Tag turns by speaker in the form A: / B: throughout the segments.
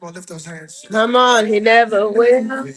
A: Come on, lift those hands. Come on, he never will.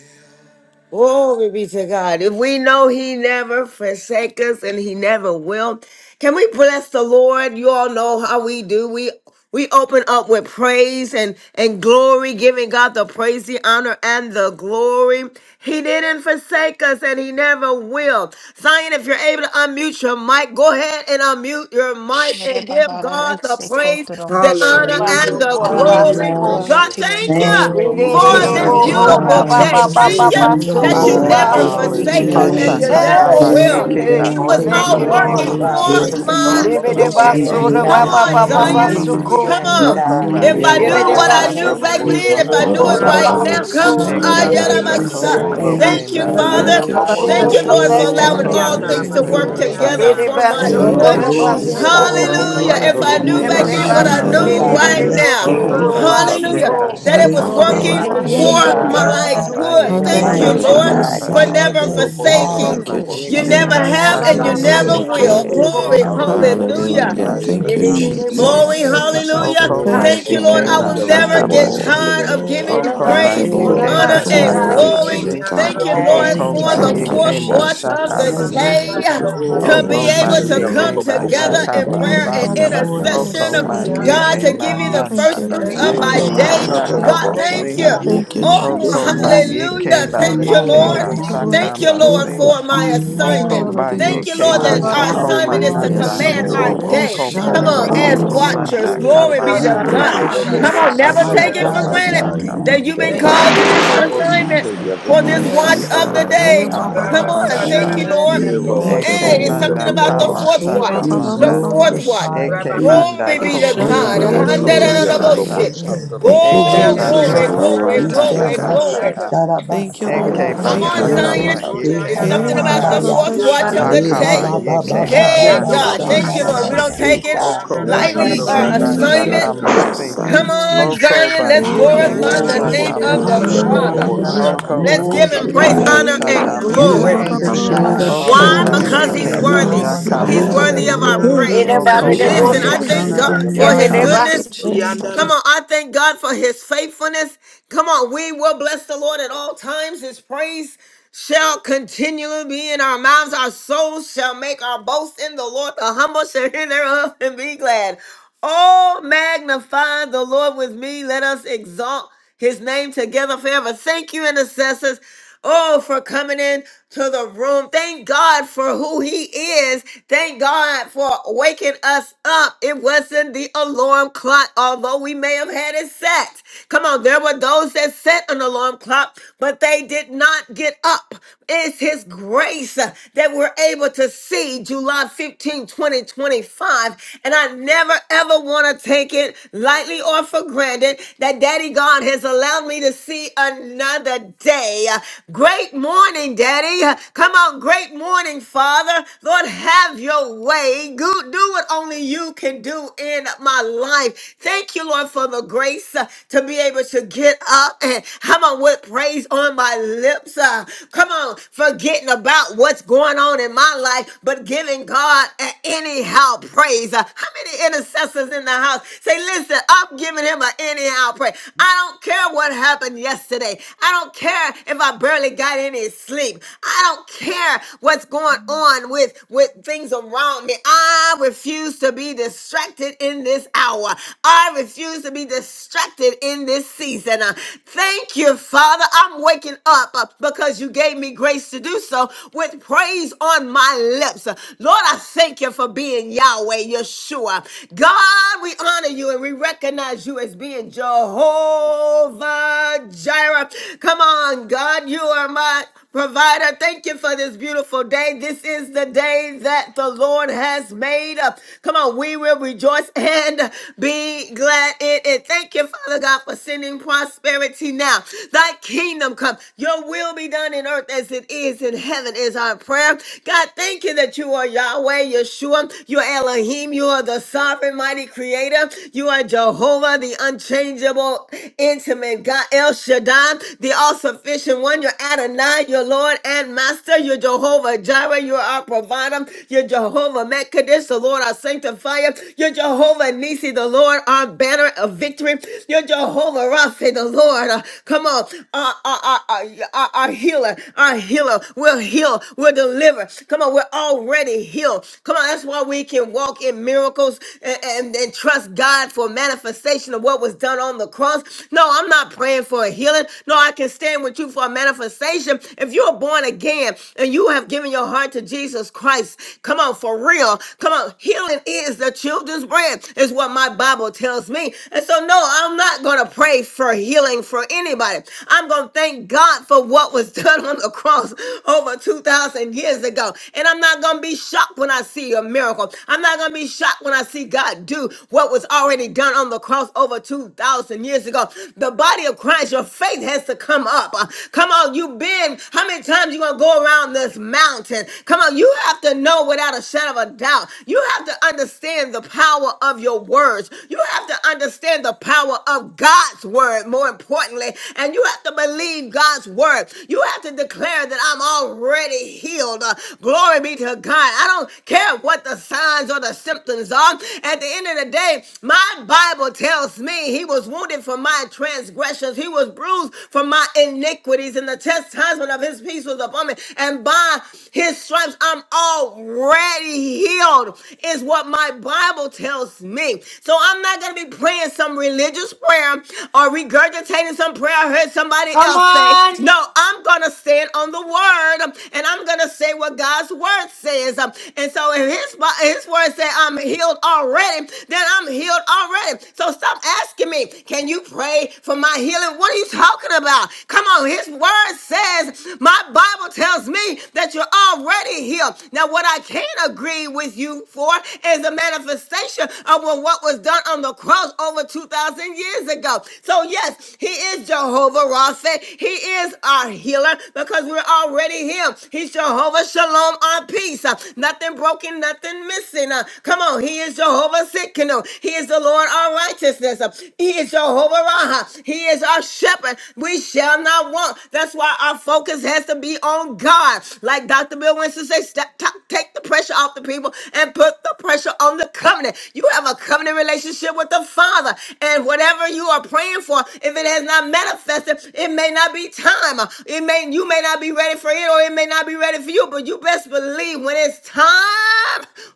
A: Glory be to God. If we know He never forsake us and He never will, can we bless the Lord? You all know how we do. We we open up with praise and and glory, giving God the praise, the honor, and the glory. He didn't forsake us, and He never will. Zion, if you're able to unmute your mic, go ahead and unmute your
B: to
A: mic and give God the praise, the honor,
B: Shedebabarabesekotoromashete.
A: and
C: Yerebaso
D: Hallelujah,
A: the
D: Father, we
B: Hallelujah.
A: glory.
E: Hallelujah.
C: korabasoko.
D: bless
B: Glory
D: you
A: God,
F: Hallelujah.
B: to your
D: this
A: thank
D: morning.
B: name.
A: you
E: Thank
G: Glory,
E: you,
B: We
A: for
C: Yerere
G: hallelujah.
A: this
B: praise
E: Father
B: you
F: Shandalomosataya.
B: this
C: boho
G: Thank
D: Ramasanda
A: beautiful
G: you,
B: morning,
E: God.
A: day.
H: Yeah,
G: Jesus.
H: yeah,
B: Jesus.
A: Thank
H: da,
D: Rabasi.
H: da,
A: you
H: da,
E: Thank
G: Your
E: you,
H: yo,
A: that you
D: Father,
E: Lord,
G: word,
H: sa.
D: thank
B: Hallelujah.
C: rabababababasokoba.
A: never
G: your
D: you
E: for
D: for
B: Glory
D: this
G: passion,
E: who
B: to
A: forsake
H: Thank
B: your
D: day,
E: you
H: you,
A: us
F: Hallelujah.
G: worthy
B: mighty
D: Lord
A: and
E: are.
A: you
G: to
F: Thank
G: be
B: name,
F: you,
D: God.
A: never
I: Ashakanda
B: precious
H: Jesus.
G: praised.
E: Thank
F: Jesus.
D: Thank
A: will.
E: you,
D: you
B: Father.
I: Bayeke
D: that
A: It
C: Hey,
D: you
E: God,
A: was
D: would
H: Hey,
G: Holy
E: that
I: Basaka
G: is
C: thank
D: never
A: all
C: you,
G: your
H: ba,
E: you are
H: ba,
D: let
H: ba,
C: Lord.
D: go
G: name,
H: ba,
I: Bayeke
A: working
D: of
B: Glory
E: always
H: ba,
D: our
G: God.
B: to
A: for
B: your
E: there
D: hands,
F: Hallelujah.
E: for
G: Wonderful
H: shwe.
B: mighty
A: my
D: Father.
I: Oko
G: counselor
C: Libede
G: is
E: me.
G: your
A: good.
E: We
I: Bayeke
G: name,
D: Thank
C: basura
D: you,
H: Thank
A: Come
G: God.
H: you.
F: Shandalomosataya.
C: baba
I: Basaka
A: on,
D: Father.
E: glorify
H: Hey,
C: baba
E: your
H: ba,
G: Prince of
H: ba,
A: Zion.
H: ba,
D: Thank
G: peace
D: you
I: Bayeke
H: ba,
F: Lomosita.
G: is
D: for
G: your
D: your
E: name.
C: basuko.
A: Come
G: name,
E: We
H: shanda,
A: on.
H: da,
D: presence,
I: Oko
G: God.
D: your
A: If
E: honor
H: yo.
A: I
E: you,
I: Bayaka
D: manifold
A: knew
C: Libede
A: what I
D: blessings
I: Paka
E: Lord.
F: Yerobosanda
A: knew
D: that's
C: basura
A: back
E: We
G: Hallelujah.
D: new.
I: Pataka
A: then, if I
G: Thank
E: bless
H: Hey,
F: Lomosataya.
A: knew
G: you,
H: ba,
A: it
H: ba,
E: your
I: Pataka
H: ba,
A: right
H: ba,
G: Jesus.
I: Ba
H: ba,
A: now,
C: baba
E: holy
A: come
C: ko.
A: on.
D: Ramasurianda
G: You're
H: shanda, da,
I: Heke
E: name.
H: da, da,
G: awesome,
H: yo,
E: We
G: God.
D: Rabasando
F: Yeromosandalomosataya. Lomosataya.
I: Bashoko
E: say
G: You're
A: Ayarabasa.
H: sa, yeah.
E: thank
G: mighty,
I: Bayeke
A: Thank
D: Robosande
A: you,
E: you,
J: Thank
G: God.
F: Yeromositaya.
A: Father.
H: Thank
I: Basaka
H: you,
E: Lord,
I: Basi
D: Rabaseke.
F: Lomosandalomosataya.
A: Thank
E: for
C: Oh,
A: you,
G: Hallelujah.
C: I
A: Lord,
G: King
A: for
G: of
H: Jesus.
C: bless you.
E: all
A: allowing
G: kings
I: Oko
E: that
G: and
A: all
H: Glory
D: Yanda
E: you are
H: to
A: things
G: Lord
A: to
H: you,
G: of
I: Bayeke
E: doing
A: work
E: for
H: Lord.
G: lords.
D: Rabasurianda
A: together
I: Basaka
E: us.
C: Libede
A: for my
I: Basi
J: you.
D: Rabasanda
E: We
H: Thank
G: Holy
H: you,
A: good.
G: is
C: basura
G: your name,
F: Yeromositaya.
C: basuko.
G: God.
E: glorify
H: Jesus.
D: Rabasurianda
I: Oko
E: you.
A: Hallelujah. If
G: Wonderful
A: I knew
I: Bayeke
E: We
H: Hey,
G: counselor
A: back
C: Libede
A: then
G: is
F: Lomosandalomosataya.
A: what
G: your
E: honor
A: I
I: Basaka
D: Rababa
H: shanda,
G: name,
H: da,
E: you.
H: da,
A: knew
H: da,
E: We
I: Basi
H: da,
C: basura
A: right
G: God.
D: Sorianda
H: yo,
E: bless the
A: now.
H: sa.
I: Oko
E: Holy
G: Thank you,
D: Ramasanda
F: Yeromosandalomosataya.
E: name.
D: Rabas.
C: basuko
G: Jesus,
I: Bashike
A: Hallelujah
C: ko.
G: God.
A: that
H: Hey,
A: it
E: We
I: Basaka
H: ba,
A: was
H: ba,
G: You're
H: ba,
F: Lomosataya.
H: ba,
I: Masi
A: working
C: Hey,
E: thank
H: ba,
C: yeah,
G: awesome,
E: you,
A: for
C: yeah,
F: Lomosita.
C: yeah,
H: shwe.
G: God.
I: Oshoko
A: my
E: God.
A: good.
C: basu.
G: You're
H: Shanda,
I: Bayeke
C: Baba
H: da,
A: Thank
H: da,
A: you,
F: Ye
H: da,
E: Thank
H: da,
G: mighty,
C: baba
A: Lord,
H: yo,
F: robo
E: you,
I: Basaka
F: si
G: God.
A: for
C: basuka.
F: ke
H: sa.
G: King
I: Basi
G: of
F: gelo
A: never
E: Father
G: kings,
F: robo
G: the Lord
E: God.
F: shanda
I: Oko
G: of
A: forsaking.
H: Thank you,
F: robo
G: lords.
A: You
E: You
I: Bayeke
C: Come
A: never
F: sataya.
A: have
H: Jesus.
G: You're
E: never
A: and
I: Basaka
A: you
H: Yes,
E: will
A: never
G: holy,
I: Basi
B: name.
G: King
F: Ye
G: of
A: will.
H: okay.
G: kings.
E: forsake
F: robo
A: Glory,
E: me,
I: Hoko
F: shanda
G: Hallelujah.
F: robo
E: nor
I: Bajike
A: hallelujah.
H: Hallelujah.
E: will
G: Thank
F: sataya
E: you
G: you,
H: Thank you,
I: Bashaka
F: robo
G: Jesus.
F: si
E: leave me,
F: ke.
G: Lord.
I: Bashi
A: Glory,
E: Father
H: Jesus.
G: Thank you,
E: God.
G: Jesus.
A: hallelujah.
I: Hoko
F: Ye
E: You,
H: Thank
A: Thank
F: robo
H: you,
A: you,
F: si
A: Lord.
I: Bashike
E: Father
A: I
F: ke
A: will
H: Lord.
E: God,
F: gelo
E: I
H: Thank
A: never
H: you,
I: Bashaka
F: robo
A: get
E: love
H: Lord.
F: shanda
I: Bashi
E: you,
A: tired of
F: robo
E: Lord.
A: giving you
D: Sanda
I: Hoko
F: sataya.
H: Thank
E: I
H: you,
A: praise,
G: Good,
H: Lord.
I: Bajike
G: thank you,
A: honor,
D: Rabasorianda
E: glorify
A: and
E: your
G: Jesus.
I: Bashaka
H: Glory to
A: glory.
E: name.
H: you,
I: Bashi
D: Ramasetorianda
H: God.
F: Shanda
A: Thank you,
E: I
D: Ramas.
F: robo
A: Lord,
G: Thank
I: Hoko
G: you,
K: Thank
E: honor
A: for
K: you,
A: the
F: sataya
H: Thank
E: you,
H: you,
G: Jesus.
I: Bajike
A: fourth
F: robo
A: watch
E: Lord.
F: si ke.
A: of
E: I
A: the
I: Bashaka
H: Jesus.
D: Rababa
I: Bashi
A: day
E: worship
D: Sanda
G: Hallelujah.
E: your
F: Ye
A: to
E: holy
F: robo
A: be
I: Hoko
F: si
K: God.
A: able
F: ke
D: Ramasanda
A: to
E: name.
F: gelo
I: Bajike
A: come
H: Eshige,
K: Hallelujah.
F: robo
E: I
A: together
E: say
F: shanda
I: Bayaka
A: in
F: robo
E: thank
A: prayer
G: Hallelujah.
A: and
I: Basa
E: you,
F: sataya
E: Lord,
A: intercession.
I: Hoko
F: robo
E: for
F: si ke.
K: Thank
H: ikandadadadabiosaya.
E: who
K: you,
D: Ramasorianda
A: God,
I: Bajike
K: Lord,
A: to
E: you
A: give you
E: are.
K: for
A: the
D: Ramas.
H: Thank
I: Manana
H: you,
A: first fruits
D: Thank
E: I
D: you,
A: of
F: Ye
A: my
D: Lord.
I: Bashike
F: robo
E: thank
A: day.
E: you,
F: shanda
I: Bayaka
A: God,
H: Ebanababashe.
F: robo
K: We
E: God,
D: Thank
E: that
A: thank
D: you,
I: Basi
K: thank
A: you.
E: you
K: you,
D: God.
F: sataya
K: Lord.
H: Thank
E: woke
K: We
H: you,
E: me
F: robo
K: thank
E: up
F: si
K: you
F: ke.
E: this
A: Oh,
K: for
I: Hoko
K: your
H: Jesus.
K: many. blessings.
E: morning
I: Bajike
A: hallelujah.
E: in
A: Thank
E: my
A: you,
F: Yo
I: Bajike
K: We
D: Hallelujah.
A: Lord.
E: right
F: robo
K: thank
D: Thank
F: si
D: you,
F: ke
K: you.
E: mind
D: Lord
A: Thank
I: Basaka
H: Bless
A: you,
F: gelo
D: Jesus.
A: Lord,
H: you.
E: just
F: robo
I: Basi
E: to
A: for
F: shanda.
A: my
K: hmm
D: Thank you
E: honor
I: Hoko
A: assignment.
D: for your
E: you,
A: Thank you,
D: word,
I: Bajike
A: Lord,
D: God,
K: Thank you
A: that
E: just
F: Oh
H: Yalabadiosaya.
J: Yeah,
A: our
I: Bashako
E: to
A: assignment
G: Jesus.
A: is
D: for
A: to
F: hallelujah
D: your
E: honor
K: for
I: Mananda
H: Yes,
K: all
E: you,
A: command
F: shanda
K: that
D: presence.
A: our
K: you've
E: Lord.
H: Lord.
F: robo
K: done.
A: day.
I: Oko
K: Thank you.
A: Come
E: I
F: sataya.
I: kono
A: on,
D: Thank
A: as
E: honor
I: koko
E: you.
H: Eshandadadabiosaya.
A: watchers,
I: manda
K: You're
D: you,
A: glory be
D: God,
E: I
F: Yerobo'am
K: amazing.
A: to
I: kamana.
F: Yerobo'am
K: You
H: Thank
A: God.
H: you,
K: are.
E: worship
D: Ramasanda
E: you.
A: Come
F: Yerobo'am
A: on, never
H: Jesus.
E: I
I: Asha
A: take it
F: Yerobo'am
D: Ramasorianda
A: for
E: bow
D: Ramas.
K: We
A: granted
I: kamanta
E: down
K: thank you.
A: that
I: kama.
E: at
A: you've
E: your
A: been
D: Thank you
H: Yes,
A: called
D: for
A: to
E: feet.
A: this
F: Yerobo'am
H: Lord.
D: strengthening.
F: Yerobo'am
E: And
D: us.
E: I
A: assignment
E: say,
A: for
F: Yerobo'am
A: this
E: thank
K: Yeah,
I: Asha
A: watch
E: you,
H: Yes,
A: of the
H: God.
I: kamana
E: Father
H: Eh,
A: day.
H: ba,
K: God.
E: God.
H: ba,
A: Come
H: ba,
I: kabala
H: ba,
A: on,
D: Ramasanda
A: thank
I: taka.
A: you,
E: Thank
H: shay.
A: Lord.
E: you,
K: We you,
H: Thank
E: Lord,
D: Ramasetorianda
H: you,
I: Eke
E: for
A: Hey,
D: Ramas.
A: it's
K: Lord,
H: Lord.
E: who
A: something
I: manda
E: you
A: about the
I: kala
E: are.
A: fourth
H: Eh, ba,
I: shaka
A: watch.
D: Thank
H: ba,
E: We
D: you,
H: ba,
A: The
H: ba,
D: Lord
I: manda.
K: in
H: ba,
K: the
D: Jesus.
H: ba,
A: fourth
K: name.
A: watch.
E: glorify
H: shay.
I: Eke
E: you.
I: manda
A: Glory
H: It
A: be
D: Rababakurianda
A: to
I: koko
H: shall
E: We
H: not
A: God.
H: out
I: manda
H: of
E: honor
A: handa
H: your
K: We
I: kolo
A: da da
E: you.
D: rabasekurianda
A: da bo
K: thank you.
D: rabas.
E: We
I: shata.
H: sire.
E: thank you
H: Thank you,
E: for
I: Eke
A: Go,
E: who
D: Ianda
H: Jesus.
E: you
A: glory,
E: are.
I: bashaka
H: Glory
A: glory,
D: rabasanda
H: to
K: Thank you,
H: you,
I: pataka
E: Mr.
A: glory,
K: Lord.
H: God.
E: Rasha
A: glory.
D: rabasurianda
I: mataka.
D: rabas.
G: God,
H: Thank you,
I: Eke
H: Lord.
E: Tarabasaya,
G: One of
A: Come
K: Glory.
G: the
H: Thank you,
A: on,
D: Ianda
K: hallelujah.
I: bashaka
G: counselors,
E: Rebo
I: ba
H: Lord.
A: Zion.
I: yeke
E: Sheha
A: It's
D: rabosurianda
G: to
A: something
H: Eh,
G: name
H: ba,
K: Thank
A: about
K: you.
H: ba,
A: the
G: God.
I: basaka.
H: ba,
E: Sambaya,
A: fourth
H: ba,
D: rabasekurianda
A: watch of the
H: shay.
D: rabas.
E: Reba
I: Hakaba
A: day.
F: Yerobo'am
G: Hallelujah,
E: Baba
K: Mm.
I: yeke
H: Thank you,
G: God.
E: Baba
I: ba
K: Yeah,
A: Hey,
D: Yando
E: Baba
K: God.
A: God,
I: yakaba
G: In
A: thank you,
D: boshanda
I: shi.
H: Jesus.
A: Lord.
G: Jesus,
A: We
G: your
A: don't
K: Hallelujah.
G: name,
E: Shambalabasi.
A: take it
G: God.
D: rabasekurianda
I: Hoko ba
E: Thank
H: It
A: lightly,
E: you,
I: yeke
H: shall
A: our
D: rabasete.
H: not out
E: Jesus.
G: Hallelujah.
A: assignment.
I: bashaka
H: of
L: Yeah.
H: your
I: masi.
K: Hallelujah.
A: Come
E: Thank
H: sire.
E: you,
A: on,
E: Jesus.
L: Thank
I: Hoko
L: you,
A: Zion.
I: by
A: Let's
H: Eh, ba,
K: Ikile
H: ba,
L: Father.
I: Yike
H: ba,
I: by
A: glorify
D: Urianda
H: ba,
A: the
H: ba,
G: King
K: lelele
G: of
A: name
I: Shaka
E: We
A: of
I: by
D: ramasanda
G: kings
H: shay.
A: the
G: and
K: bakush.
G: the
I: She.
E: honor
G: Lord
A: Father.
G: of
E: you.
M: Yarabakara
G: lords.
L: Hallelujah.
G: You
D: rabasekurianda
I: Hoko
E: We
M: bakora
A: Let's
I: by
D: rabas.
A: give him
G: glory,
E: worship
M: basiri
A: praise,
I: Yike
F: Yerobo'am
L: Thank
G: God.
M: yanda
E: you.
I: by
A: honor,
K: Elele
A: and
D: Ianda
I: Shaka
K: la
I: by
F: Yerobo'am
G: You're
E: You
H: Eh,
A: glory.
K: mando
I: She.
H: ba,
E: are
H: ba, ba,
E: the
G: mighty,
K: kush.
H: ba,
J: Para
D: ramasatarianda
H: ba,
E: King
G: God.
M: yarabakara
L: you,
E: of
H: shay.
I: Hoko
A: Why?
I: by
M: basiri
L: Jesus.
F: Hallelujah.
E: Kings.
H: Kanda,
A: Because
D: rabosurianda
M: yanda
H: da, da,
A: he's
G: Hallelujah.
H: da,
I: Yike
H: da,
D: rabas.
I: by
E: You
H: your
A: worthy.
F: Shabbat
M: yarabakara
E: are
K: Alaba.
E: the
I: Yaka by
A: He's
L: Hallelujah.
H: sire.
D: Robo
E: Lord
L: You're
M: yaraba
E: of
I: She.
F: Shalom.
A: worthy of our
L: worthy.
D: sorianda
E: Lords.
A: praise.
H: Thank you,
E: You
I: Hoko
F: Yeah,
I: by
D: rabaseke.
E: are
A: Listen,
M: yarabakara
E: the
A: I
F: Rabbi
A: thank
I: Yike
H: Jesus.
F: Sita,
M: bakara
A: God
I: by
L: Hallelujah.
E: conquering
A: for
F: Rabbi
K: Thank
A: his
E: lion.
I: Yaka
K: you,
F: Shabbat
H: Thank you,
A: goodness.
H: Jesus.
L: Thank
F: Shalom.
A: Come
L: you.
D: Ianda
A: on, I thank God for his faithfulness. Come on, we will bless the Lord at all times. His praise shall continually be in our mouths. Our souls shall make our boast in the Lord. The humble shall hear thereof and be glad. Oh, magnify the Lord with me. Let us exalt his name together forever. Thank you, intercessors. Oh, for coming in to the room. Thank God for who He is. Thank God for waking us up. It wasn't the alarm clock, although we may have had it set. Come on, there were those that set an alarm clock, but they did not get up. It's His grace that we're able to see July 15, 2025. And I never, ever want to take it lightly or for granted that Daddy God has allowed me to see another another day. Great morning, Daddy. Come on, great morning, Father. Lord, have your way. Go- Do what only you can do in my life. Thank you, Lord, for the grace uh, to be able to get up and come on with praise on my lips. uh, Come on, forgetting about what's going on in my life, but giving God a- anyhow praise. Uh, How many intercessors in the house say, Listen, I'm giving him an anyhow praise. I don't care what happened happened yesterday. I don't care if I barely got any sleep. I don't care what's going on with, with things around me. I refuse to be distracted in this hour. I refuse to be distracted in this season. Uh, Thank you, Father. I'm waking up uh, because you gave me grace to do so with praise on my lips. Uh, Lord, I thank you for being Yahweh, Yeshua. God, we honor you and we recognize you as being Jehovah. Jehovah Jireh. Come on, God, you are my provider. Thank you for this beautiful day. This is the day that the Lord has made. up. Come on, we will rejoice and be glad in it. Thank you, Father God, for sending prosperity now. Thy kingdom come. Your will be done in earth as it is in heaven is our prayer. God, thank you that you are Yahweh, Yeshua. You are Elohim. You are the sovereign, mighty creator. You are Jehovah, the unchanging unchangeable, intimate God, El Shaddai, the all sufficient one. You're Adonai, your Lord and Master. You're Jehovah Jireh. You're our provider. You're Jehovah Mekadesh, the Lord our sanctifier. You're Jehovah Nisi, the Lord our banner of victory. You're Jehovah Rapha, the Lord. uh, come on, our, our, our, our, our our healer, our healer. We'll heal, we'll deliver. Come on, we're already healed. Come on, that's why we can walk in miracles and, and, and trust God for manifestation manifestation of what was done on the cross. No, I'm not praying for a healing. No, I can stand with you for a manifestation. If you're born again and you have given your heart to Jesus Christ, come on, for real. Come on, healing is the children's bread, is what my Bible tells me. And so, no, I'm not going to pray for healing for anybody. I'm going to thank God for what was done on the cross over 2,000 years ago. And I'm not going to be shocked when I see a miracle. I'm not going to be shocked when I see God do what was already done on the cross over 2,000 years ago. The body of Christ, your faith has to come up. Uh, Come on, you've been, how many times you going to go around this mountain? Come on, you have to know without a shadow of a doubt. You have to understand the power of your words. You have to understand the power of God's word, more importantly. And you have to believe God's word. You have to declare that I'm already healed. Uh, glory be to God. I don't care what the signs or the symptoms are dog. At the end of the day, my Bible tells me he was wounded for my transgressions, he was bruised for my iniquities, and the chastisement of his peace was upon me. And by his stripes, I'm already healed, is what my Bible tells me. So I'm not going to be praying some religious prayer or regurgitating some prayer I heard somebody else say.
C: on!
A: No, I'm going to stand on the word um, and I'm going to say what God's word says. Um, And so if his, Bi- his word his word said, I'm healed already. Then I'm healed already. So stop asking me, can you pray for my healing? What are you talking about? Come on, his word says, my Bible tells me that you're already healed. Now, what I can't agree with you for is the manifestation of what was done on the cross over 2,000 years ago. So, yes, he is Jehovah Rapha. He is our healer because we're already healed. He's Jehovah Shalom, our peace. Uh, Nothing broken broken, nothing missing. Uh, come on, He is Jehovah Sikkenu. He is the Lord our righteousness. Uh, he is Jehovah Raha. He is our shepherd. We shall not want. That's why our focus has to be on God. Like Dr. Bill Winston says, step, ta- take the pressure off the people and put the pressure on the covenant. You have a covenant relationship with the Father, and whatever you are praying for, if it has not manifested, it may not be time. Uh, It may you may not be ready for it, or it may not be ready for you. But you best believe decree when it's time.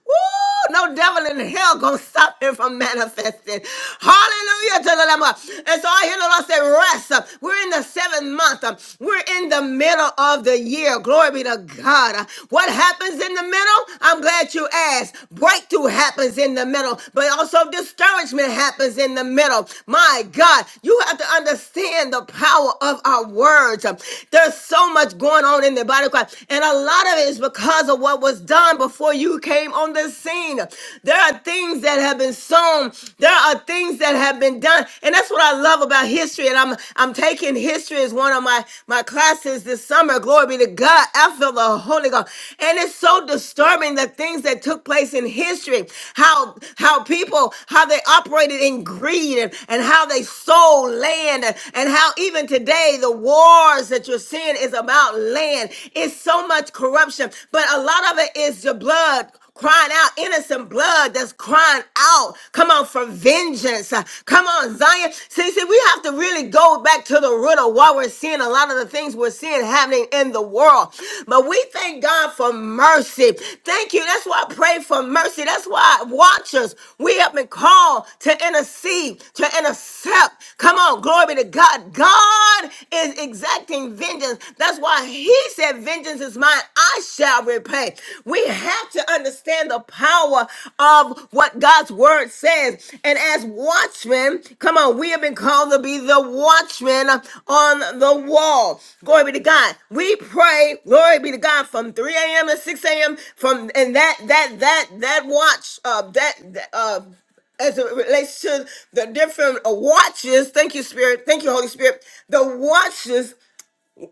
A: Woo! No devil in hell gonna stop him from manifesting. Hallelujah to the Lamb. And so I hear the Lord say, rest. We're in the seventh month. We're in the middle of the year. Glory be to God. What happens in the middle? I'm glad you asked. Breakthrough happens in the middle, but also discouragement happens in the middle. My God, you have to understand the power of our words. There's so much going on in the body of Christ. And a lot lot of it is because of what was done before you came on the scene. There are things that have been sown. There are things that have been done. And that's what I love about history. And I'm I'm taking history as one of my, my classes this summer. Glory be to God. I feel the Holy Ghost. And it's so disturbing the things that took place in history. How how people, how they operated in greed and, and how they sold land and, and how even today the wars that you're seeing is about land. It's so much corruption, but a lot of it is the blood crying out, innocent blood that's crying out. Come on, for vengeance. Uh, Come on, Zion. See, see, we have to really go back to the root of why we're seeing a lot of the things we're seeing happening in the world. But we thank God for mercy. Thank you. That's why I pray for mercy. That's why watchers, we have been called to intercede, to intercept. Come on, glory be to God. God is exacting vengeance. That's why he said, Vengeance is mine, I shall repay. We have to understand the power of what God's word says. And as watchmen, come on, we have been called to be the watchmen on the wall. Glory be to God. We pray, glory be to God, from 3 a.m. to 6 a.m. from and that that that that watch uh that that, uh as it relates to the different uh, watches. Thank you, Spirit. Thank you, Holy Spirit. The watches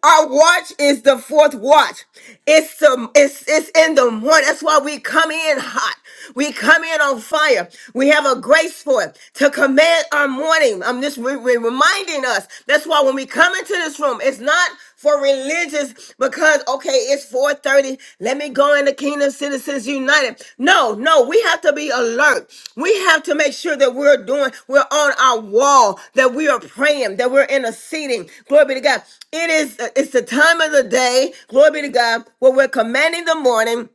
A: our watch is the fourth watch. It's the it's it's in the morning. That's why we come in hot. We come in on fire. We have a grace for it to command our morning. I'm just re- re- reminding us. That's why when we come into this room, it's not for religious because okay okay, it's 4:30. Let me go into Kingdom Citizens United. No, no, we have to be alert. We have to make sure that we're doing, we're on our wall, that we are praying, that we're interceding. Glory be to God. It is it's the time of the day, glory be to God, where we're commanding the morning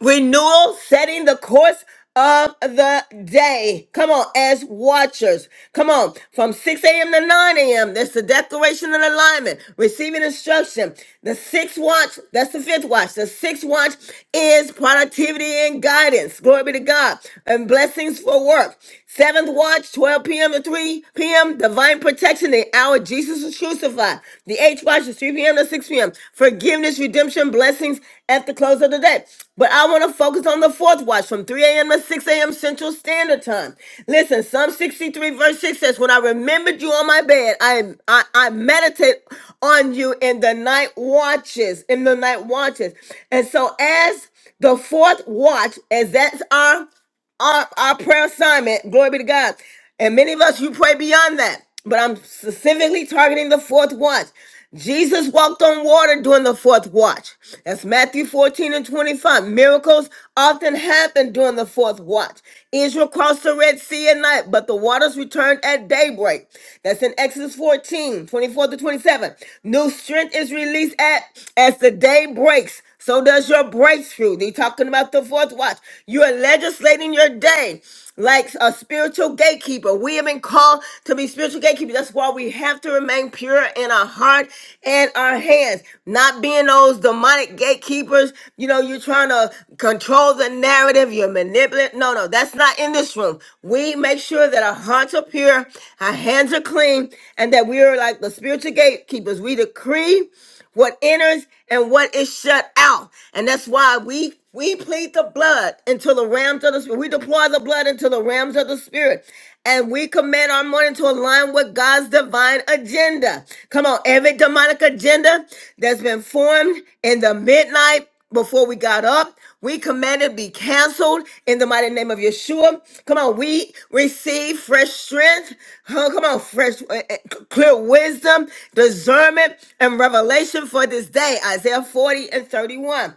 A: Renewal setting the course of the day. Come on, as watchers. Come on, from 6 a.m. to 9 a.m. That's the declaration and alignment, receiving instruction. The sixth watch, that's the fifth watch. The sixth watch is productivity and guidance. Glory be to God. And blessings for work. Seventh watch, 12 p.m. to 3 p.m. Divine protection, the hour Jesus is crucified. The H watch is 3 p.m. to 6 p.m. Forgiveness, redemption, blessings at the close of the day. But I want to focus on the fourth watch from 3 a.m. to 6 a.m. Central Standard Time. Listen, Psalm 63 verse 6 says, When I remembered you on my bed, I, I, I meditate on you in the night watches, in the night watches. And so as the fourth watch, as that's our our, our prayer assignment. Glory be to God. And many of us, you pray beyond that. But I'm specifically targeting the fourth watch. Jesus walked on water during the fourth watch. That's Matthew 14 and 25. Miracles often happen during the fourth watch. Israel crossed the Red Sea at night, but the waters returned at daybreak. That's in Exodus 14 24 to 27. New strength is released at as the day breaks. So does your breakthrough. They talking about the fourth watch. You are legislating your day like a spiritual gatekeeper. We have been called to be spiritual gatekeepers. That's why we have to remain pure in our heart and our hands. Not being those demonic gatekeepers. You know, you're trying to control the narrative. You're manipulating. No, no, that's not in this room. We make sure that our hearts are pure, our hands are clean, and that we are like the spiritual gatekeepers. We decree what enters and what is shut out. And that's why we we plead the blood into the realms of the spirit. We deploy the blood into the realms of the spirit. And we command our morning to align with God's divine agenda. Come on, every demonic agenda that's been formed in the midnight before we got up. We commanded be canceled in the mighty name of Yeshua. Come on, we receive fresh strength. Huh, Come on, fresh, uh, uh, clear wisdom, discernment, and revelation for this day. Isaiah 40 and 31.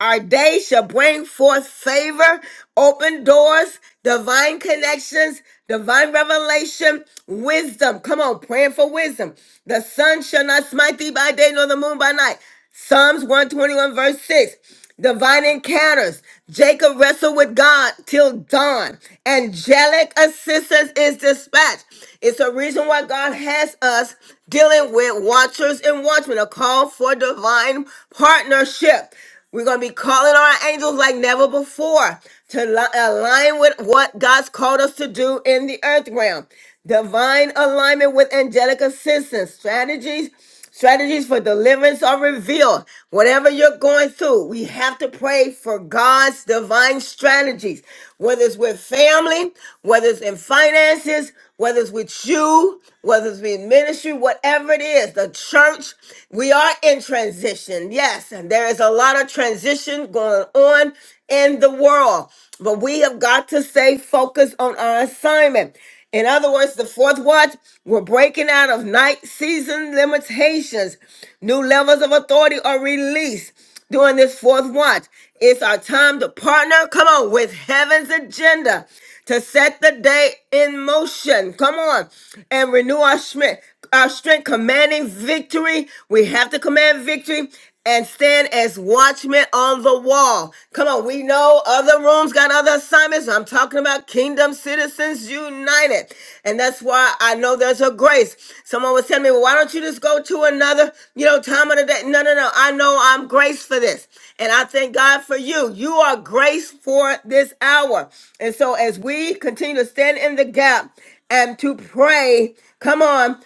A: Our day shall bring forth favor, open doors, divine connections, divine revelation, wisdom. Come on, praying for wisdom. The sun shall not smite thee by day, nor the moon by night. Psalms 121, verse 6. Divine encounters. Jacob wrestled with God till dawn. Angelic assistance is dispatched. It's a reason why God has us dealing with watchers and watchmen, a call for divine partnership. We're going to be calling our angels like never before to li- align with what God's called us to do in the earth realm. Divine alignment with angelic assistance, strategies Strategies for deliverance are revealed. Whatever you're going through, we have to pray for God's divine strategies, whether it's with family, whether it's in finances, whether it's with you, whether it's with ministry, whatever it is, the church, we are in transition. Yes, and there is a lot of transition going on in the world, but we have got to stay focused on our assignment. In other words, the fourth watch, we're breaking out of night season limitations. New levels of authority are released during this fourth watch. It's our time to partner, come on, with heaven's agenda to set the day in motion. Come on, and renew our strength. Our strength commanding victory. We have to command victory and stand as watchmen on the wall. Come on, we know other rooms got other assignments. I'm talking about Kingdom Citizens United. And that's why I know there's a grace. Someone was telling me, well, why don't you just go to another, you know, time of the day? No, no, no. I know I'm graced for this. And I thank God for you. You are graced for this hour. And so as we continue to stand in the gap and to pray, come on,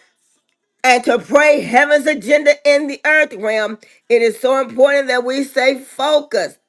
A: and to pray heaven's agenda in the earth realm. It is so important that we stay focused.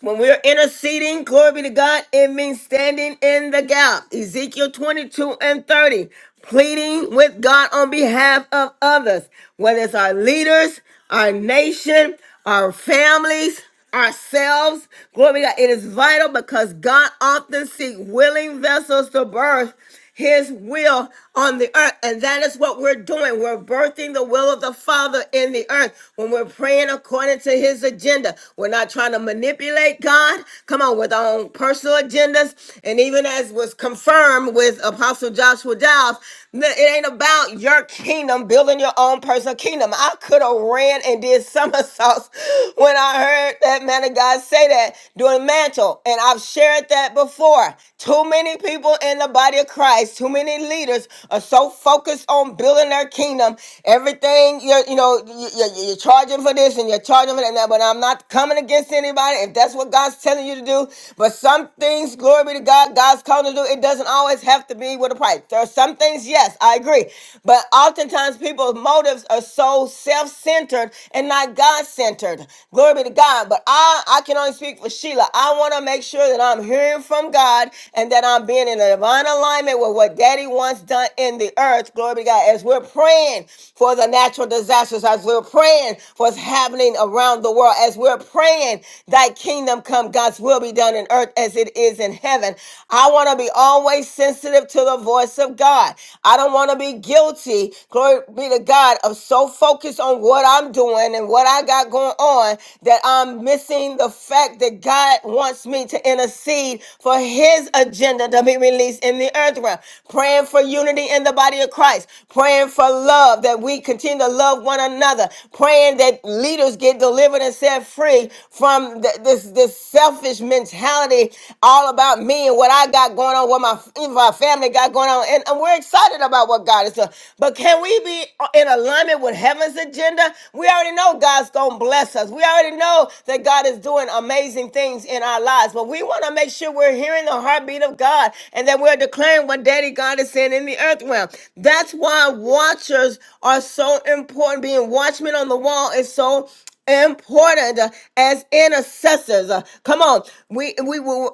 A: When we're interceding, glory be to God, it means standing in the gap. Ezekiel 22 and 30, pleading with God on behalf of others, whether it's our leaders, our nation, our families, ourselves. Glory be to God. It is vital because God often seeks willing vessels to birth his will on the earth. And that is what we're doing. We're birthing the will of the Father in the earth when we're praying according to his agenda. We're not trying to manipulate God. Come on, with our own personal agendas. And even as was confirmed with Apostle Joshua Giles, it ain't about your kingdom, building your own personal kingdom. I could have ran and did somersaults when I heard that man of God say that during mantle. And I've shared that before. Too many people in the in the body of Christ, too many leaders are so focused on building their kingdom. Everything, you're, you know, you- you- you're charging for this and you're charging for that. But I'm not coming against anybody if that's what God's telling you to do. But some things, glory be to God, God's calling to do. It doesn't always have to be with a price. There are some things, yes, I agree. But oftentimes people's motives are so self centered and not God centered. Glory be to God. But I, I can only speak for Sheila. I want to make sure that I'm hearing from God and that I'm on being in a divine alignment with what daddy wants done in the earth. Glory be to God. As we're praying for the natural disasters, as we're praying for what's happening around the world, as we're praying, thy kingdom come, God's will be done in earth as it is in heaven. I want to be always sensitive to the voice of God. I don't want to be guilty, glory be to God, of so focused on what I'm doing and what I got going on that I'm missing the fact that God wants me to intercede for his his agenda to be released in the earth realm. Praying for unity in the body of Christ. Praying for love that we continue to love one another. Praying that leaders get delivered and set free from th- this this selfish mentality all about me and what I got going on, what my even my family got going on. And, and we're excited about what God is doing. But can we be in alignment with heaven's agenda? We already know God's gonna bless us. We already know that God is doing amazing things in our lives, but we want to make sure sure we're hearing the heartbeat of God and that we're declaring what Daddy God is saying in the earth realm. That's why watchers are so important. Being watchmen on the wall is so important uh, as intercessors. Uh, Come on, we we will,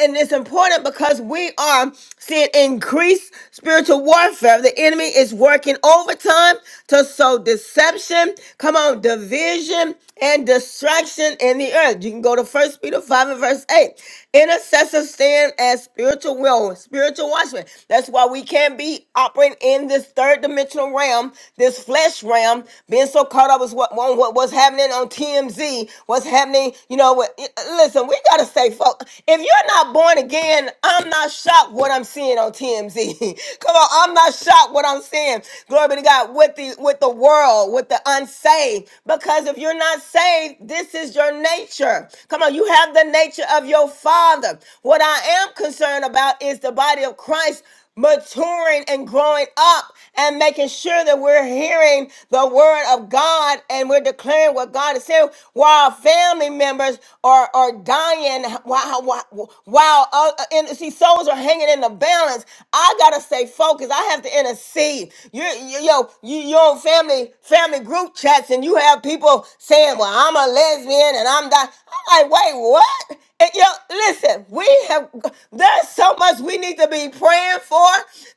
A: and it's important because we are seeing increased spiritual warfare. The enemy is working overtime to sow deception. Come on, division and destruction in the earth. You can go to First Peter five and verse eight. Intercessors stand as spiritual will, spiritual watchmen. That's why we can't be operating in this third dimensional realm, this flesh realm, being so caught up with what, on what what's happening on TMZ, what's happening, you know, what, listen, we got to stay focused. If you're not born again, I'm not shocked what I'm seeing on TMZ. Come on, I'm not shocked what I'm seeing. Glory be to God with the with the world, with the unsaved. Because if you're not saved, this is your nature. Come on, you have the the nature of your father. What I am concerned about is the body of Christ maturing and growing up and making sure that we're hearing the word of God and we're declaring what God is saying while family members are, are dying while, while, while uh, and see souls are hanging in the balance I gotta stay focused I have to intercede you, you yo you, your own family family group chats and you have people saying well I'm a lesbian and I'm that like, wait, what? And, you know, listen, we have there's so much we need to be praying for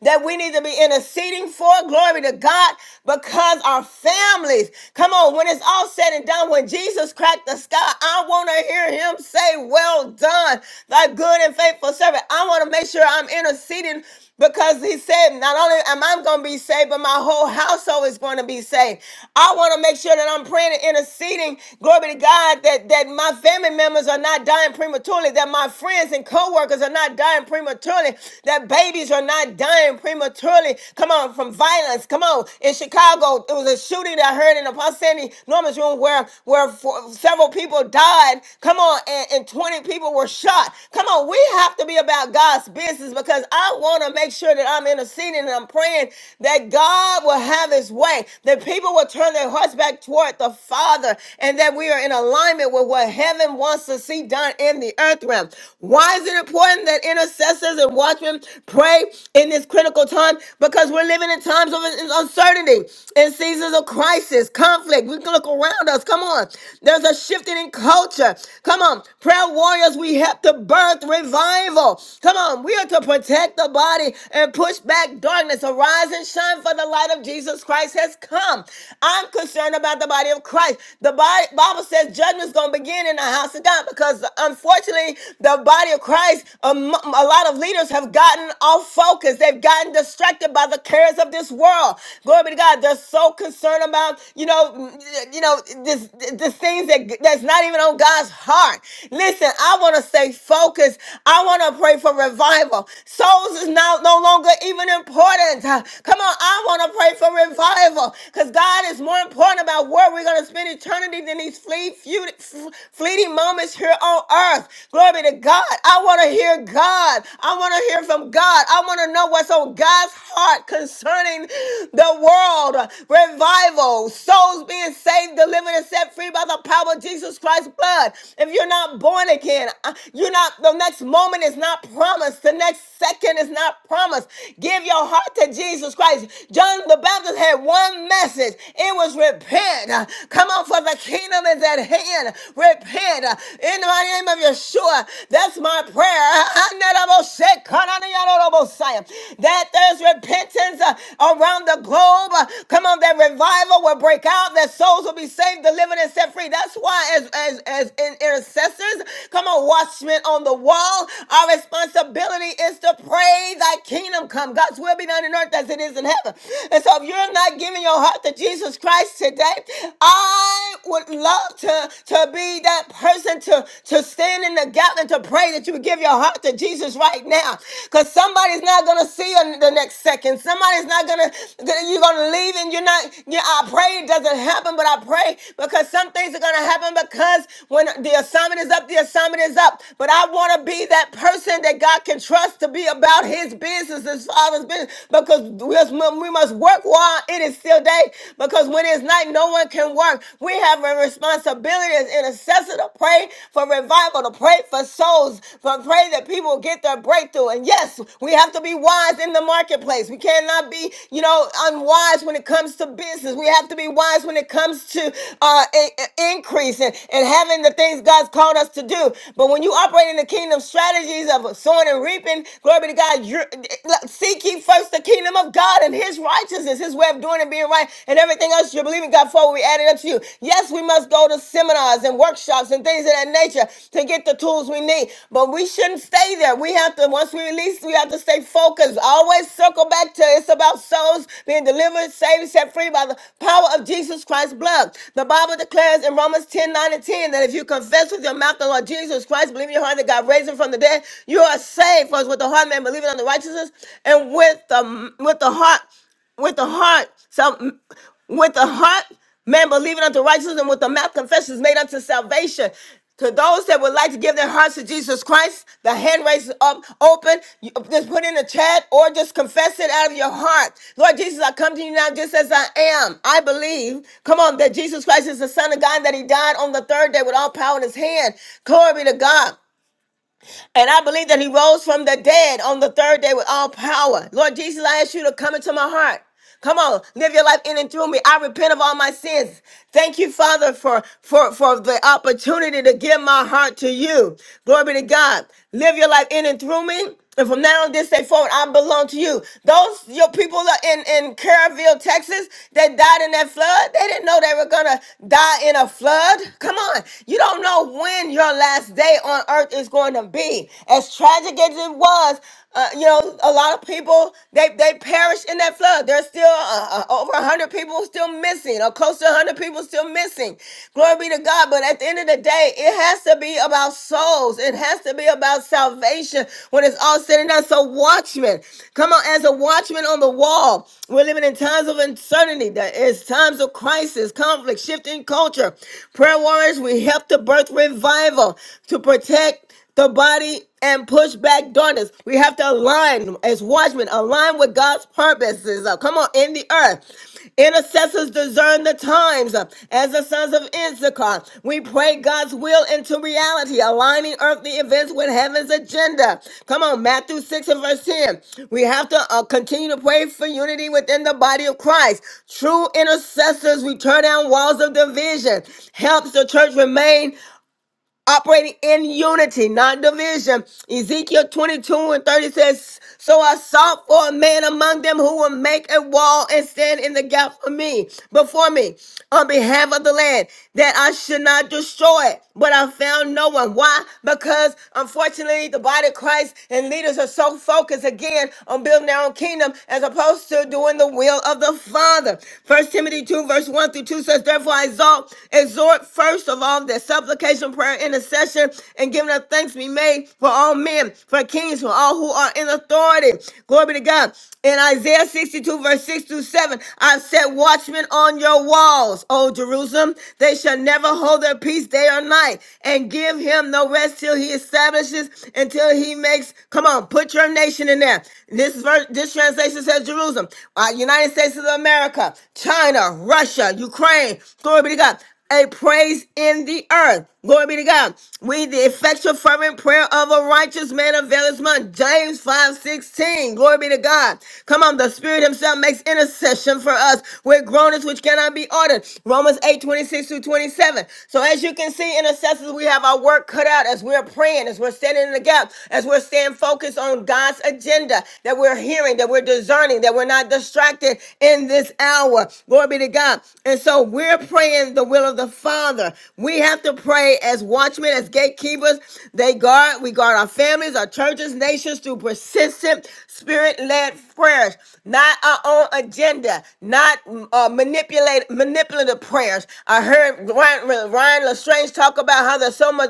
A: that we need to be interceding for. Glory to God, because our families, come on, when it's all said and done, when Jesus cracked the sky, I want to hear him say, Well done, thy good and faithful servant. I want to make sure I'm interceding because he said, Not only am I going to be saved, but my whole household is going to be saved. I want to make sure that I'm praying and interceding, glory be to God, that, that my family members are not dying prematurely, that my friends and co workers are not dying prematurely, that babies are not dying prematurely. Come on, from violence. Come on. In Chicago, it was a shooting that I heard in Apostle Sandy Norman's room where, where for, several people died. Come on, and, and 20 people were shot. Come on. Come on, we have to be about God's business because I want to make sure that I'm interceding and I'm praying that God will have his way, that people will turn their hearts back toward the Father, and that we are in alignment with what heaven wants to see done in the earth realm. Why is it important that intercessors and watchmen pray in this critical time? Because we're living in times of uncertainty, in seasons of crisis, conflict. We can look around us. Come on. There's a shifting in culture culture. Come on, prayer warriors, we have to birth revival. Come on, we are to protect the body and push back darkness. Arise and shine, for the light of Jesus Christ has come. I'm concerned about the body of Christ. The body, Bible says judgment's going to begin in the house of God because unfortunately, the body of Christ, um, a lot of leaders have gotten off focus. They've gotten distracted by the cares of this world. Glory be to God. They're so concerned about, you know, you know, this the things that that's not even on God's heart. Listen, I want to stay focused. I want to pray for revival. Souls is now no longer even important. Uh, Come on, I want to pray for revival because God is more important about where we're going to spend eternity than these fleet, few, f- fleeting moments here on earth. Glory be to God. I want to hear God. I want to hear from God. I want to know what's on God's heart concerning the world, revival, souls being saved, delivered, and set free by the power of Jesus Christ's blood. If you're not born again, uh, you're not, the next moment is not promised, the next second is not promised. Give your heart to Jesus Christ. John the Baptist had one message it was repent. Uh, Come on, for the kingdom is at hand. Repent Uh, in the mighty name of Yeshua. That's my prayer. that there's repentance uh, around the globe. Uh, Come on, that revival will break out, that souls will be saved, delivered, and set free. That's why, as as as in- intercessors, come on, watchmen on the wall, our responsibility is to pray thy kingdom come. God's will be done on earth as it is in heaven. And so if you're not giving your heart to Jesus Christ today, I would love to, to be that person to, to stand in the gap and to pray pray that you would give your heart to Jesus right now. Because somebody's not going to see you in the next second. Somebody's not going to, you're going to leave and you're not, yeah, I pray it doesn't happen, but I pray because some things are going to happen because when the assignment is up, the assignment is up. But I want to be that person that God can trust to be about his business, his father's business, because we must, we must work while it is still day. Because when it's night, no one can work. We have a responsibility as intercessors intercessor to pray for revival, to pray for souls, to pray that people get their breakthrough. And yes, we have to be wise in the marketplace. We cannot be, you know, unwise when it comes to business. We have to be wise when it comes to uh, i- i- increase and, and having the things God's called us to do. But when you operate in the kingdom strategies of sowing and reaping, glory be to God, you're, seek ye first the kingdom of God and his righteousness, his way of doing and being right, and everything else you're believing God before we add it up to you. Yes, we must go to seminars and workshops and things of that nature to get the tools we need, but we shouldn't stay there. We have to, once we release, we have to stay focused. Always circle back to it's about souls being delivered, saved, set free by the power of Jesus Christ's blood. The Bible declares in Romans 10 9 and 10 that if you confess with your mouth the Lord Jesus Christ, believe in your heart that God raised him from the dead, you are saved. For it's with the heart man believing on the righteousness and with the, with the heart with the heart, so with the heart, man believing unto righteousness, and with the mouth confession is made unto salvation. To those that would like to give their hearts to Jesus Christ, the hand raise up open. You- uh, just put in the chat or just confess it out of your heart. Lord Jesus, I come to you now just as I am. I believe, come on, that Jesus Christ is the Son of God, that He died on the third day with all power in His hand. Glory be to God. And I believe that he rose from the dead on the third day with all power. Lord Jesus, I ask you to come into my heart. Come on, live your life in and through me. I repent of all my sins. Thank you, Father, for for for the opportunity to give my heart to you. Glory be to God. Live your life in and through me. And from now on this day forward, I belong to you. Those your people are in in Kerrville, Texas, that died in that flood, they didn't know they were gonna die in a flood. Come on, you don't know when your last day on earth is going to be. As tragic as it was, uh, you know, a lot of people they they perished in that flood. There's still uh, uh, over hundred people still missing, or close to hundred people still missing. Glory be to God. But at the end of the day, it has to be about souls. It has to be about salvation when it's all said and done. So watchmen, come on, as a watchman on the wall, we're living in times of uncertainty. There is times of crisis, conflict, shifting culture. Prayer warriors, we help to birth revival to protect the body and push back darkness. We have to align as watchmen, align with God's purposes. Uh, come on, in the earth. Intercessors discern the times uh, as the sons of Issachar. We pray God's will into reality, aligning earthly events with heaven's agenda. Come on, Matthew 6 and verse 10. We have to uh, continue to pray for unity within the body of Christ. True intercessors, we turn down walls of division. Helps the church remain operating in unity, not division. Ezekiel 22 and 30 says, So I sought for a man among them who will make a wall and stand in the gap for me, before me, on behalf of the land, that I should not destroy it. But I found no one. Why? Because unfortunately, the body of Christ and leaders are so focused again on building their own kingdom as opposed to doing the will of the Father. First Timothy 2, verse 1 through 2 says, Therefore I exalt, exhort first of all that supplication, prayer, our intercession and giving us thanks be made for all men, for kings, for all who are in authority. Glory be to God. In Isaiah 62, verse 6 through 7, I've set watchmen on your walls, O Jerusalem. They shall never hold their peace day or night, and give him no rest till he establishes, until he makes. Come on, put your nation in there. This verse, this translation says Jerusalem, uh, United States of America, China, Russia, Ukraine. Glory be to God. A praise in the earth. Glory be to God. We the effectual fervent prayer of a righteous man availeth much. James 5 16. Glory be to God. Come on, the Spirit Himself makes intercession for us with groanings which cannot be ordered. Romans 8 26 through 27. So as you can see, intercessors, we have our work cut out as we're praying, as we're standing in the gap, as we're staying focused on God's agenda, that we're hearing, that we're discerning, that we're not distracted in this hour. Glory be to God. And so we're praying the will of the Father. We have to pray pray as watchmen, as gatekeepers. They guard, we guard our families, our churches, nations through persistent spirit-led prayers, not our own agenda, not mm, uh, manipulate manipulative prayers. I heard Ryan, Ryan Lestrange talk about how there's so much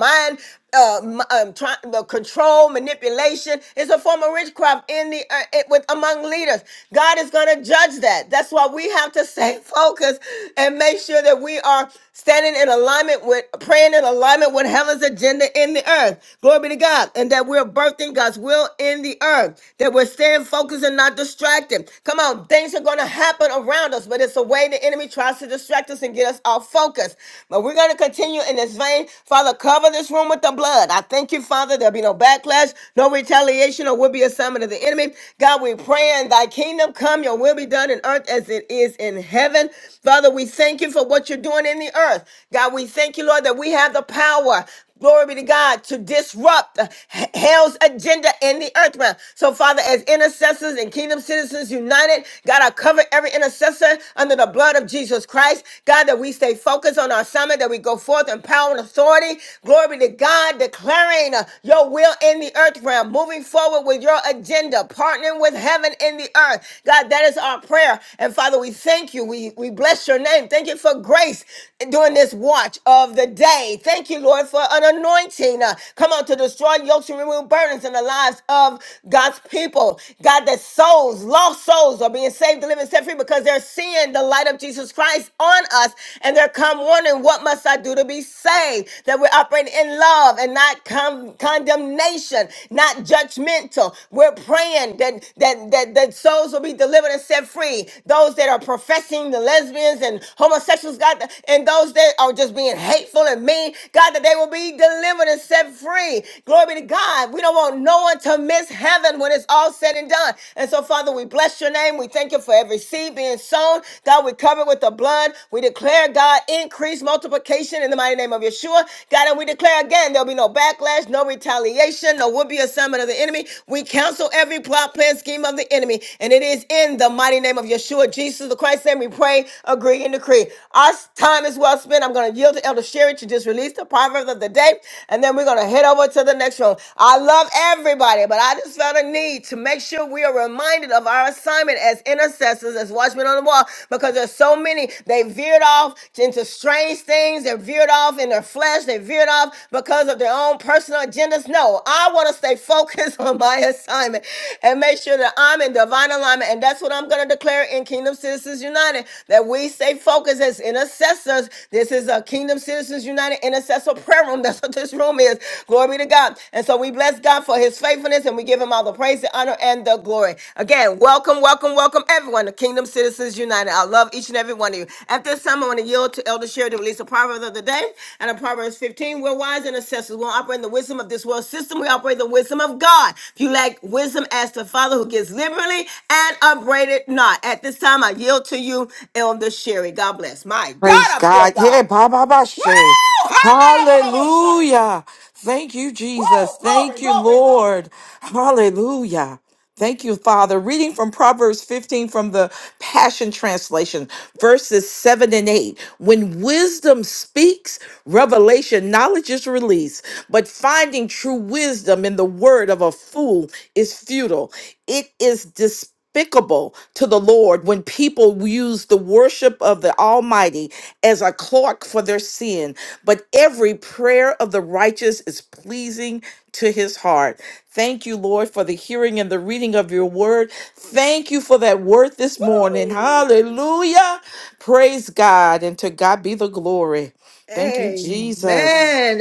A: mind uh, m- um, try, the control, manipulation is a form of witchcraft in the uh, it, with among leaders. God is going to judge that. That's why we have to stay focused and make sure that we are standing in alignment with praying in alignment with heaven's agenda in the earth. Glory be to God, and that we're birthing God's will in the earth. That we're staying focused and not distracted. Come on, things are going to happen around us, but it's a way the enemy tries to distract us and get us off focus. But we're going to to continue in this vein. Father, cover this room with the blood. I thank you, Father. There'll be no backlash, no retaliation, or will be a summon of the enemy. God, we pray in thy kingdom come, your will be done in earth as it is in heaven. Father, we thank you for what you're doing in the earth. God, we thank you, Lord, that we have the power glory be to God, to disrupt uh, h- hell's agenda in the earth realm. So, Father, as intercessors and kingdom citizens united, God, I cover every intercessor under the blood of Jesus Christ. God, that we stay focused on our summit, that we go forth in power and authority. Glory be to God, declaring uh, your will in the earth realm, moving forward with your agenda, partnering with heaven in the earth. God, that is our prayer. And Father, we thank you. We, we bless your name. Thank you for grace during this watch of the day. Thank you, Lord. Lord, for an anointing. uh, Come on, to destroy yokes and remove burdens in the lives of God's people. God, that souls, lost souls, are being saved, delivered, and set free because they're seeing the light of Jesus Christ on us. And they're come wondering, what must I do to be saved? That we're operating in love and not con- condemnation, not judgmental. We're praying that, that, that, that souls will be delivered and set free. Those that are professing the lesbians and homosexuals, God, and those that are just being hateful and mean, need, God, that they will be delivered and set free. Glory be to God. We don't want no one to miss heaven when it's all said and done. And so, Father, we bless your name. We thank you for every seed being sown. God, we cover it with the blood. We declare, God, increase multiplication in the mighty name of Yeshua. God, and we declare again, there'll be no backlash, no retaliation, no would be assignment of the enemy. We counsel every plot, plan, scheme of the enemy. And it is in the mighty name of Yeshua, Jesus the Christ. And we pray, agree, and decree. Our time is well spent. I'm going to yield to Elder Sherry. Spirit to just release the proverb of the day, and then we're going to head over to the next one. I love everybody, but I just felt a need to make sure we are reminded of our assignment as intercessors, as watchmen on the wall, because there's so many. They veered off into strange things. They veered off in their flesh. They veered off because of their own personal agendas. No, I want to stay focused on my assignment and make sure that I'm in divine alignment. And that's what I'm going to declare in Kingdom Citizens United that we stay focused as intercessors. This is a kingdom. Kingdom Citizens United Intercessor Prayer Room. That's what this room is. Glory be to God. And so we bless God for his faithfulness and we give him all the praise, the honor, and the glory. Again, welcome, welcome, welcome everyone to Kingdom Citizens United. I love each and every one of you. At this time, I want to yield to Elder Sherry to release a proverb of the day. And a Proverbs 15, we're wise and assessors. We don't operate in the wisdom of this world system. We operate in the wisdom of God. If you lack wisdom, ask the Father who gives liberally and upbraided not. At this time, I yield to you, Elder Sherry. God bless. My God,
H: Praise
A: I feel
H: God. Hey,
A: God.
H: Baba
A: Woo!
H: Bashe.
A: Hallelujah!
H: Hallelujah. Thank you,
A: Woo!
H: Jesus. Thank
A: Glory,
H: you,
A: glory, glory.
H: Lord. Hallelujah. Thank you, Father. Reading from Proverbs 15 from the Passion Translation, verses 7 and 8. When wisdom speaks, revelation, knowledge is released, but finding true wisdom in the word of a fool is futile. It is despicable despicable to the Lord when people use the worship of the Almighty as a cloak for their sin, but every prayer of the righteous is pleasing to his heart. Thank you, Lord, for the hearing and the reading of your word. Thank you for that word this morning. Hallelujah. Praise God, and to God be the glory. Thank you, Jesus.
A: Amen.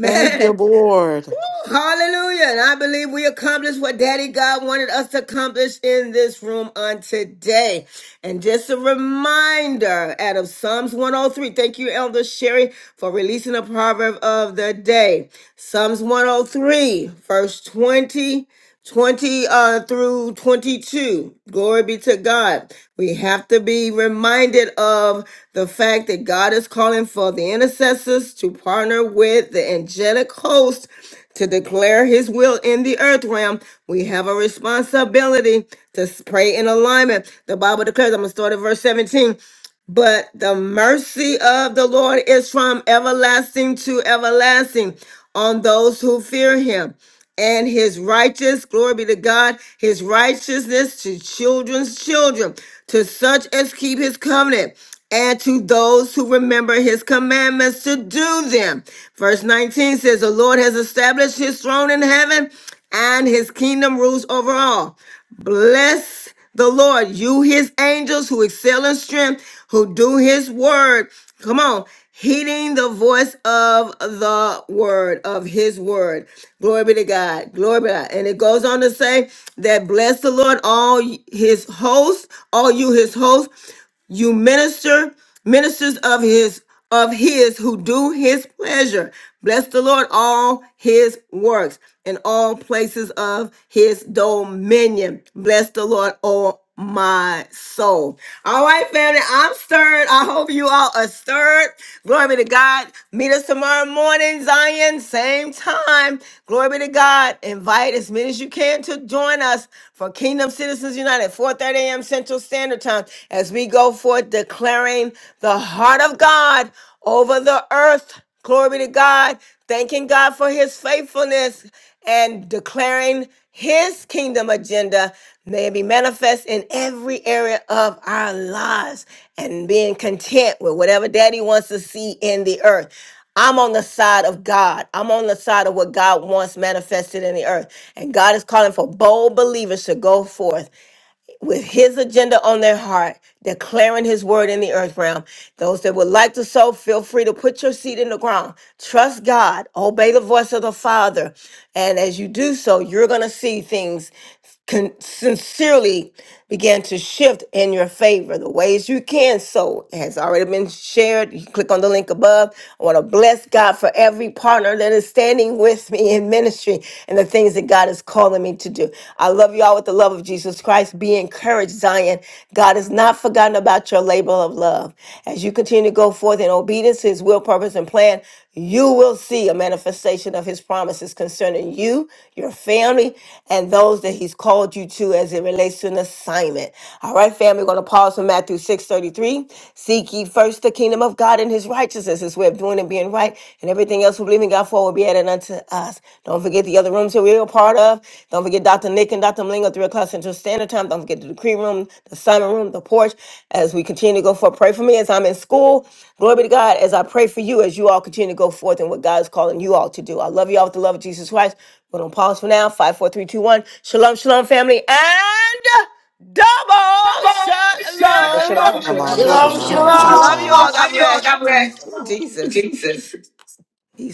H: Thank you, Lord.
A: Woo, Hallelujah. And I believe we accomplished what Daddy God wanted us to accomplish in this room on today. And just a reminder out of Psalms 103. Thank you, Elder Sherry, for releasing the proverb of the day. Psalms 103, verse 20. 20 uh, through 22. Glory be to God. We have to be reminded of the fact that God is calling for the intercessors to partner with the angelic host to declare his will in the earth realm. We have a responsibility to s- pray in alignment. The Bible declares, I'm going to start at verse 17. But the mercy of the Lord is from everlasting to everlasting on those who fear him and his righteous, glory be to God, his righteousness to children's children, to such as keep his covenant, and to those who remember his commandments to do them. Verse 19 says, The Lord has established his throne in heaven, and his kingdom rules over all. Bless the Lord, you his angels who excel in strength, who do his word. Come on, heeding the voice of the word, of his word. Glory be to God. Glory be to God. And it goes on to say that bless the Lord, all his hosts, all you his hosts you minister ministers of his of his who do his pleasure bless the lord all his works and all places of his dominion bless the lord all my soul all right family i'm stirred i hope you all are stirred glory be to god meet us tomorrow morning zion same time glory be to god invite as many as you can to join us for kingdom citizens united 4:30 a.m central Central Standard Time as we go forth declaring the heart of God over the earth. Glory be to God. Thanking God for his faithfulness and declaring his kingdom agenda may it be manifest in every area of our lives and being content with whatever daddy wants to see in the earth. I'm on the side of God. I'm on the side of what God wants manifested in the earth. And God is calling for bold believers to go forth with his agenda on their heart, declaring his word in the earth realm. Those that would like to sow, feel free to put your seed in the ground. Trust God, obey the voice of the Father. And as you do so, you're going to see things con- sincerely begin to shift in your favor. The ways you can sow has already been shared. You click on the link above. I want to bless God for every partner that is standing with me in in ministry and the things that God is calling me to do. I love you all with the love of Jesus Christ. Be encouraged, Zion. God has not forgotten about your labor of love. As you continue to go forth in obedience to his will, purpose, and plan, you will see a manifestation of his promises concerning you, your family, and those that he's called you to as it relates to an assignment. All right, family, we're going to pause from Matthew 6:33. Seek ye first the kingdom of God God in his righteousness, his way of doing and being right, and everything else we believe in God for will be added unto us. Don't forget the other rooms that we're a part of. Don't forget Dr. Nick and Dr. Malingo, 3 o'clock Central Standard Time. Don't forget the decree room, the Simon room, the porch, as we continue to go forth. Pray for me as I'm in school. Glory be to God as I pray for you as you all continue to go forth in what God is calling you all to do. I love you all with the love of Jesus Christ. We're going to pause for now. Five, four, three, two, one. Shalom, shalom, family, and double
N: Double
A: shalom.
N: shalom. Love
H: Shalom,
N: you all.
C: Shalom,
N: God
H: shalom.
N: bless.
D: rabasurianda
H: God
A: I love you
C: shalom!
A: all. God
H: bless.
A: bless. Ooh, Jesus.
L: Jesus.
A: He